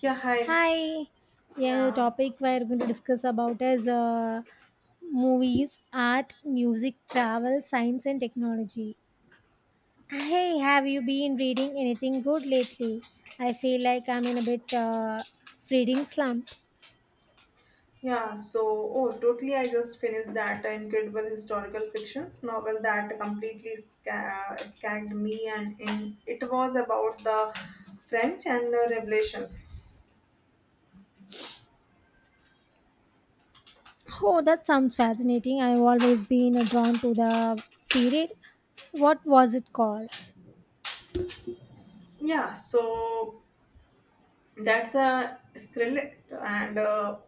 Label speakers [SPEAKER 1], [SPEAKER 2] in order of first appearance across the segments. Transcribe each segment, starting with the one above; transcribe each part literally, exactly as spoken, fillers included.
[SPEAKER 1] Yeah, hi.
[SPEAKER 2] Hi. Yeah, the
[SPEAKER 1] Yeah,
[SPEAKER 2] topic we're going to discuss about is uh, movies, art, music, travel, science, and technology. Hey, have you been reading anything good lately? I feel like I'm in a bit uh, reading slump.
[SPEAKER 1] yeah. So, oh, totally. I just finished that incredible historical fictions novel that completely sca- scared me, and in, it was about the French and uh, Revelations.
[SPEAKER 2] Oh, that sounds fascinating. I've always been uh, drawn to the period. What was it called?
[SPEAKER 1] Yeah, so that's a Skrillet and uh,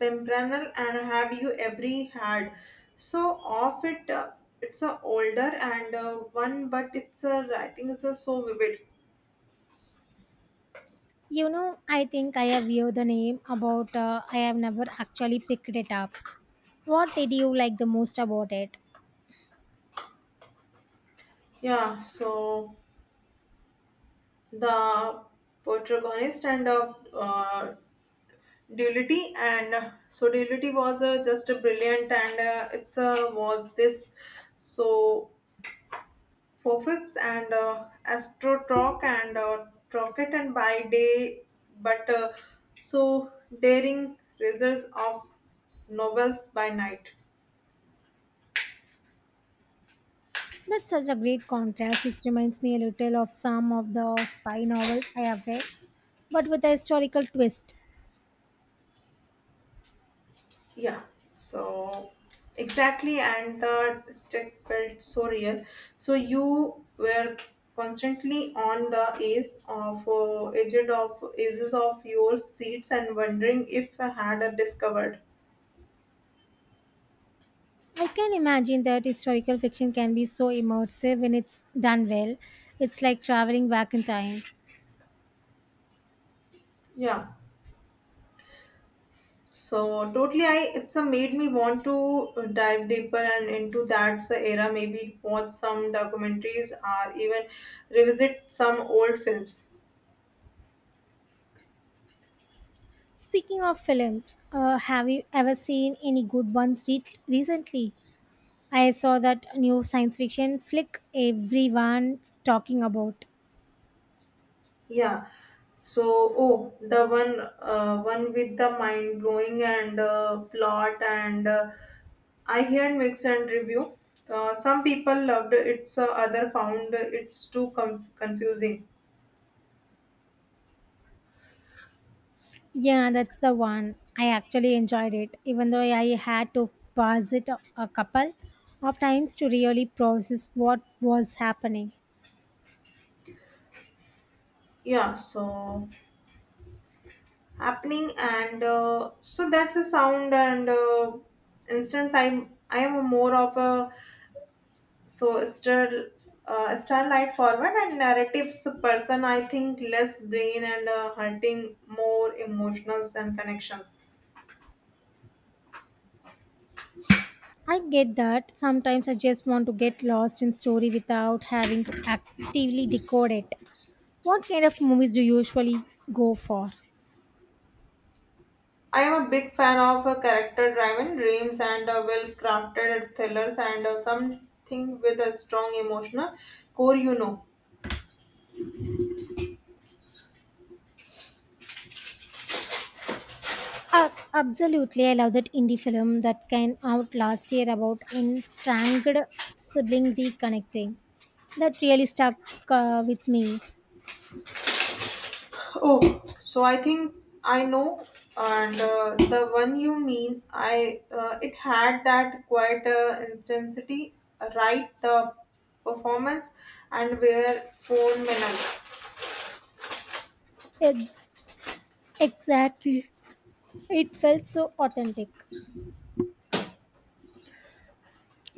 [SPEAKER 1] Pimpernel, and have you every had? So, of it, uh, it's a older and uh, one, but it's a writing is uh, so vivid.
[SPEAKER 2] You know, I think I have heard the name about. Uh, I have never actually picked it up. What did you like the most about it?
[SPEAKER 1] Yeah, so, the protagonist and uh, uh, duality and uh, so duality was uh, just a brilliant and uh, it's uh, was this so four fifths and uh, astro talk and uh, rocket and by day but uh, so daring results of novels by night.
[SPEAKER 2] That's such a great contrast. It reminds me a little of some of the spy novels I have read, but with a historical twist.
[SPEAKER 1] Yeah, so exactly, and the stakes felt so real. So you were constantly on the edge of uh, edge of edges of your seats and wondering if I had a discovered.
[SPEAKER 2] I can imagine that historical fiction can be so immersive when it's done well. It's like traveling back in time.
[SPEAKER 1] Yeah, so totally, I it's a made me want to dive deeper and into that era. Maybe watch some documentaries or even revisit some old films.
[SPEAKER 2] Speaking of films, uh, have you ever seen any good ones re- recently? I saw that new science fiction flick everyone's talking about.
[SPEAKER 1] Yeah. So, oh, the one, uh, one with the mind blowing and uh, plot, and uh, I heard mix and review. Uh, some people loved it, so other found it's too com- confusing.
[SPEAKER 2] Yeah, that's the one. I actually enjoyed it, even though I had to pause it a, a couple of times to really process what was happening.
[SPEAKER 1] Yeah. So happening, and uh, so that's a sound and uh, instance. I'm I am more of a so still uh, starlight forward and narratives person. I think less brain and uh, hunting more emotions than connections.
[SPEAKER 2] I get that. Sometimes I just want to get lost in story without having to actively decode it. What kind of movies do you usually go for?
[SPEAKER 1] I am a big fan of uh, character driven dreams and uh, well crafted thrillers and uh, something with a strong emotional core you know
[SPEAKER 2] Uh, absolutely, I love that indie film that came out last year about estranged sibling reconnecting. That really stuck uh, with me.
[SPEAKER 1] Oh, so I think I know, and uh, the one you mean, I uh, it had that quite uh, intensity, right? The performance and where phone minutes.
[SPEAKER 2] It. Exactly. It felt so authentic.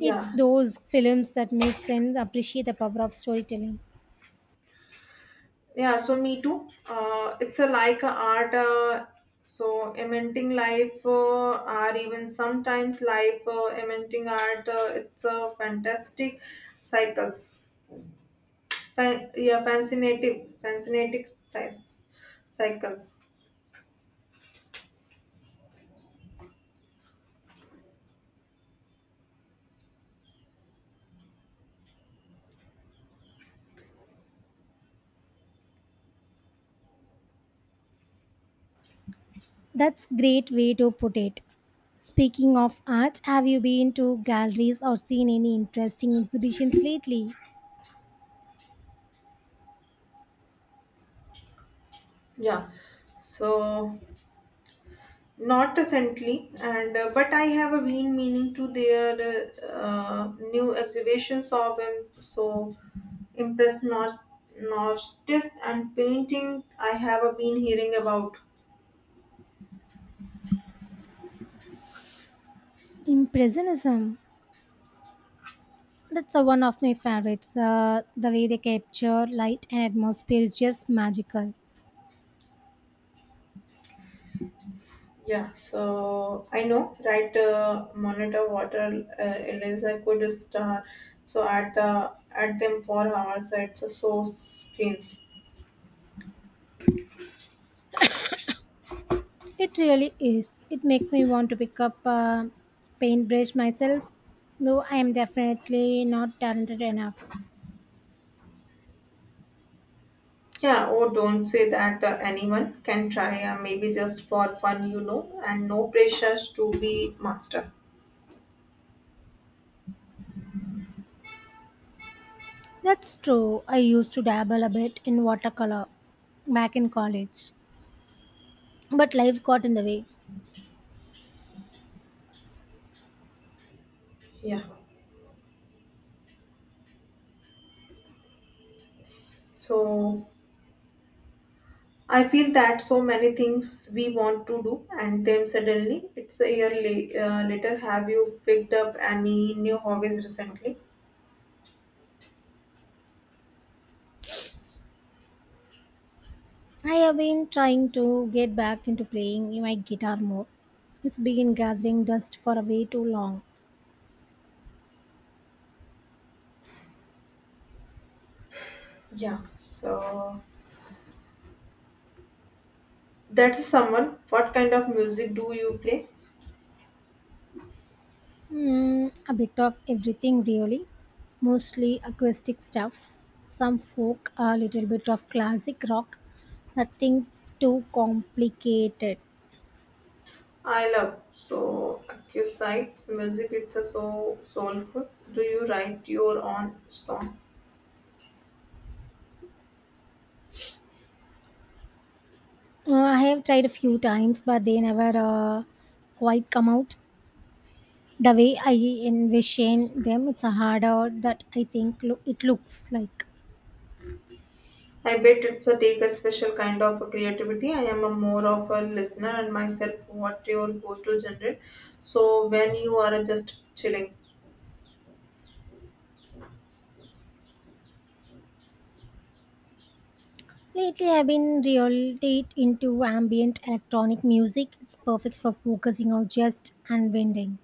[SPEAKER 2] It's those films that make sense appreciate the power of storytelling.
[SPEAKER 1] yeah. So me too. Uh, it's a like a art. Uh, so eminting life uh, or even sometimes life uh, eminting art. Uh, it's a fantastic cycles. Fa- yeah, fascinating, fascinating ties, cycles.
[SPEAKER 2] That's great way to put it. Speaking of art, have you been to galleries or seen any interesting exhibitions lately?
[SPEAKER 1] Yeah, so not recently, and uh, but I have a been meaning to their uh, uh, new exhibitions of them. So impressed, not artist and painting. I have a been hearing about.
[SPEAKER 2] Impressionism. That's the one of my favorites. The the way they capture light and atmosphere is just magical.
[SPEAKER 1] Yeah, so I know, right? Uh, monitor water uh, laser could star so at the at them for hours at the source screens.
[SPEAKER 2] It really is. It makes me want to pick up a paintbrush myself, though I am definitely not talented enough.
[SPEAKER 1] Yeah, oh, don't say that uh, anyone can try. Uh, maybe just for fun, you know, and no pressures to be master.
[SPEAKER 2] That's true. I used to dabble a bit in watercolor back in college, but life got in the way.
[SPEAKER 1] Yeah. So I feel that so many things we want to do, and then suddenly it's a year la- uh, later. Have you picked up any new hobbies recently?
[SPEAKER 2] I have been trying to get back into playing my guitar more. It's been gathering dust for way too long.
[SPEAKER 1] Yeah, so that's someone. What kind of music do you play?
[SPEAKER 2] Hmm, a bit of everything, really. Mostly acoustic stuff, some folk, a little bit of classic rock, nothing too complicated.
[SPEAKER 1] I love so acoustic music. It's a so soulful. Do you write your own song?
[SPEAKER 2] Uh, I have tried a few times, but they never uh, quite come out. The way I envision them, it's a harder that I think lo- it looks like.
[SPEAKER 1] I bet it's a take a special kind of a creativity. I am a more of a listener and myself. What your go-to genre? So when you are just chilling.
[SPEAKER 2] Lately, I've been really into ambient electronic music. It's perfect for focusing or just unwinding.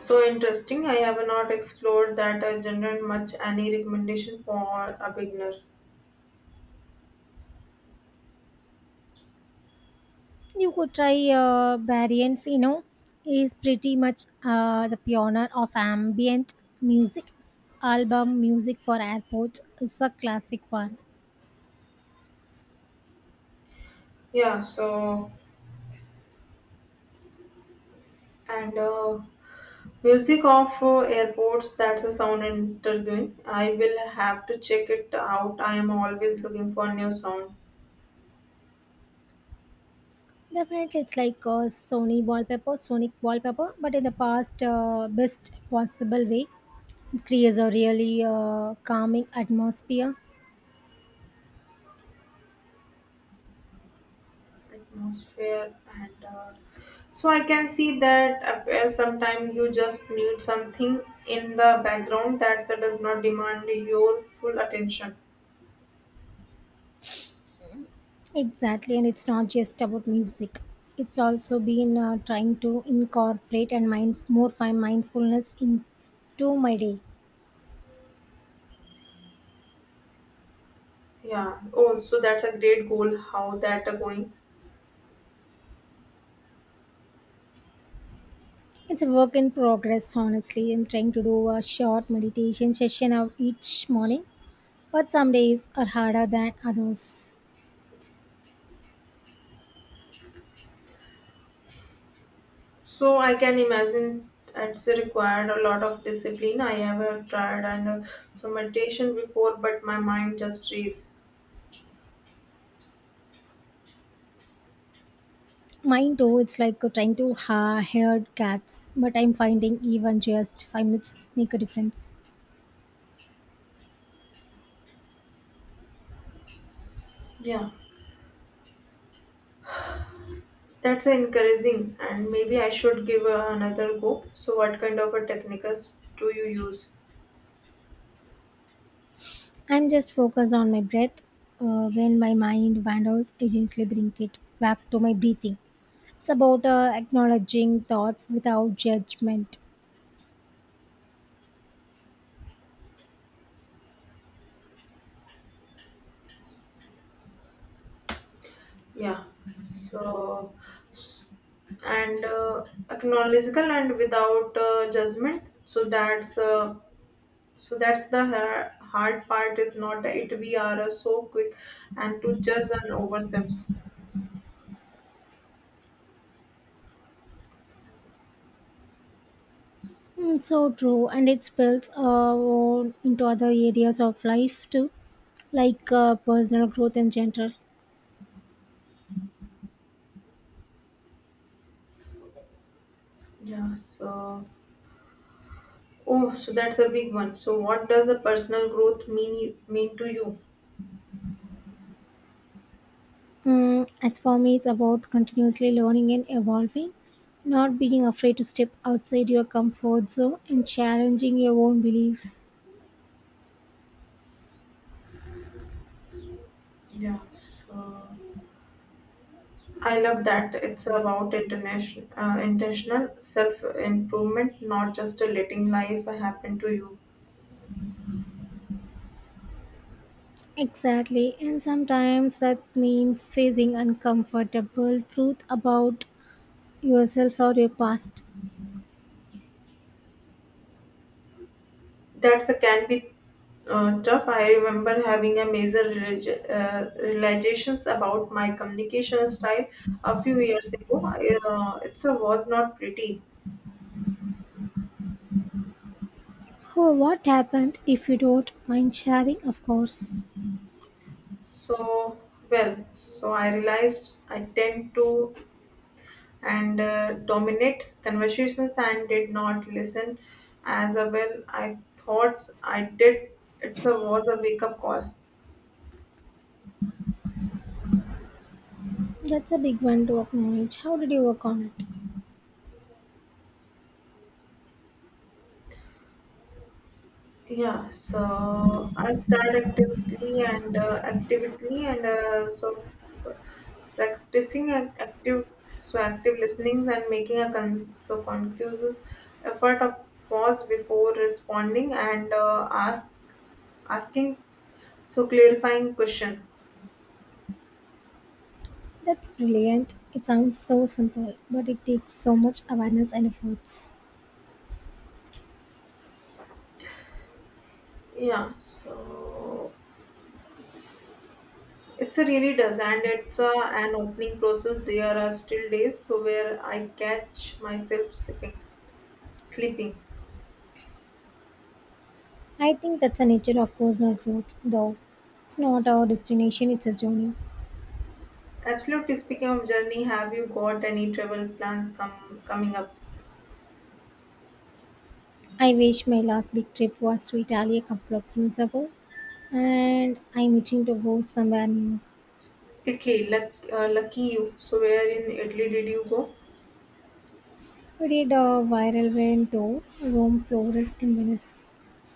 [SPEAKER 1] So interesting. I have not explored that uh, genre much. Any recommendation for a beginner?
[SPEAKER 2] You could try uh, Barian Fino. Is pretty much uh, the pioneer of ambient music. His Album music for airport is a classic one.
[SPEAKER 1] Yeah, so and uh, Music of uh, airports, that's a sound interviewing. I will have to check it out. I am always looking for new sound
[SPEAKER 2] Definitely, it's like a Sony wallpaper, Sonic wallpaper, but in the past, uh, best possible way. It creates a really uh, calming atmosphere.
[SPEAKER 1] atmosphere and uh, so I can see that uh, well, sometimes you just need something in the background that does not demand your full attention.
[SPEAKER 2] Exactly, and it's not just about music. It's also been uh, trying to incorporate and mind more fine mindfulness into my day.
[SPEAKER 1] Yeah. Oh, so that's a great goal. How that are going?
[SPEAKER 2] It's a work in progress, honestly. I'm trying to do a short meditation session of each morning, but some days are harder than others.
[SPEAKER 1] So I can imagine it's required a lot of discipline. I have tried and uh, some meditation before, but my mind just race.
[SPEAKER 2] Mine too. It's like trying to ha- herd cats, but I'm finding even just five minutes make a difference.
[SPEAKER 1] Yeah, that's encouraging, and maybe I should give uh, another go. So what kind of a techniques do you use?
[SPEAKER 2] I'm just focused on my breath. Uh, when my mind wanders, I gently bring it back to my breathing. It's about uh, acknowledging thoughts without judgment.
[SPEAKER 1] Yeah, so s- and uh, acknowledgeable and without uh, judgment. So that's uh, so that's the har- hard part is not it. We are uh, so quick and to judge and oversteps.
[SPEAKER 2] Mm, so true, and it spills uh, on into other areas of life too, like uh, personal growth in general.
[SPEAKER 1] Yeah, so, oh, so that's a big one. So what does a personal growth mean mean to you?
[SPEAKER 2] Mm, as for me, it's about continuously learning and evolving, not being afraid to step outside your comfort zone and challenging your own beliefs.
[SPEAKER 1] Yeah, so I love that it's about international uh, intentional self improvement, not just uh, letting life happen to you.
[SPEAKER 2] Exactly, and sometimes that means facing uncomfortable truth about yourself or your past.
[SPEAKER 1] That's a can be uh, tough. I remember having a major reali- uh, realizations about my communication style a few years ago. I, Uh, it's a was not pretty.
[SPEAKER 2] Oh, what happened if you don't mind sharing, of course.
[SPEAKER 1] So well, so I realized I tend to and uh, dominate conversations and did not listen as well. I thought I did. It's a was a wake up call.
[SPEAKER 2] That's a big one to acknowledge. How did you work on it?
[SPEAKER 1] Yeah, so I start actively and uh, actively and uh, so practicing and active so active listening and making a con- so conscious effort of pause before responding and uh, ask asking so clarifying question.
[SPEAKER 2] That's brilliant. It sounds so simple, but it takes so much awareness and efforts.
[SPEAKER 1] Yeah, so it's a really does and it's a, an opening process. There are still days so where I catch myself sipping, sleeping.
[SPEAKER 2] I think that's the nature of personal growth, though. It's not our destination, it's a journey.
[SPEAKER 1] Absolutely. Speaking of journey, have you got any travel plans come coming up?
[SPEAKER 2] I wish my last big trip was to Italy a couple of years ago, and I'm itching to go somewhere new.
[SPEAKER 1] Italy, luck, uh, lucky you. So where in Italy did you go?
[SPEAKER 2] We did a viral van tour, Rome, Florence, and Venice.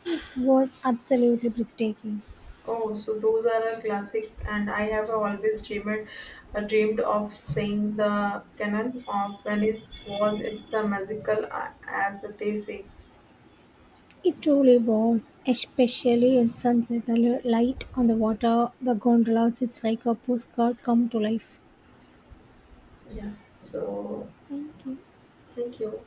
[SPEAKER 2] It was absolutely breathtaking.
[SPEAKER 1] Oh, so those are a classic, and I have always dreamed, uh, dreamed of seeing the canal of Venice. Was it's a magical, uh, as they say.
[SPEAKER 2] It truly was, especially at sunset. The li- light on the water, the gondolas, it's like a postcard come to life.
[SPEAKER 1] Yeah. So
[SPEAKER 2] Thank you.
[SPEAKER 1] thank you.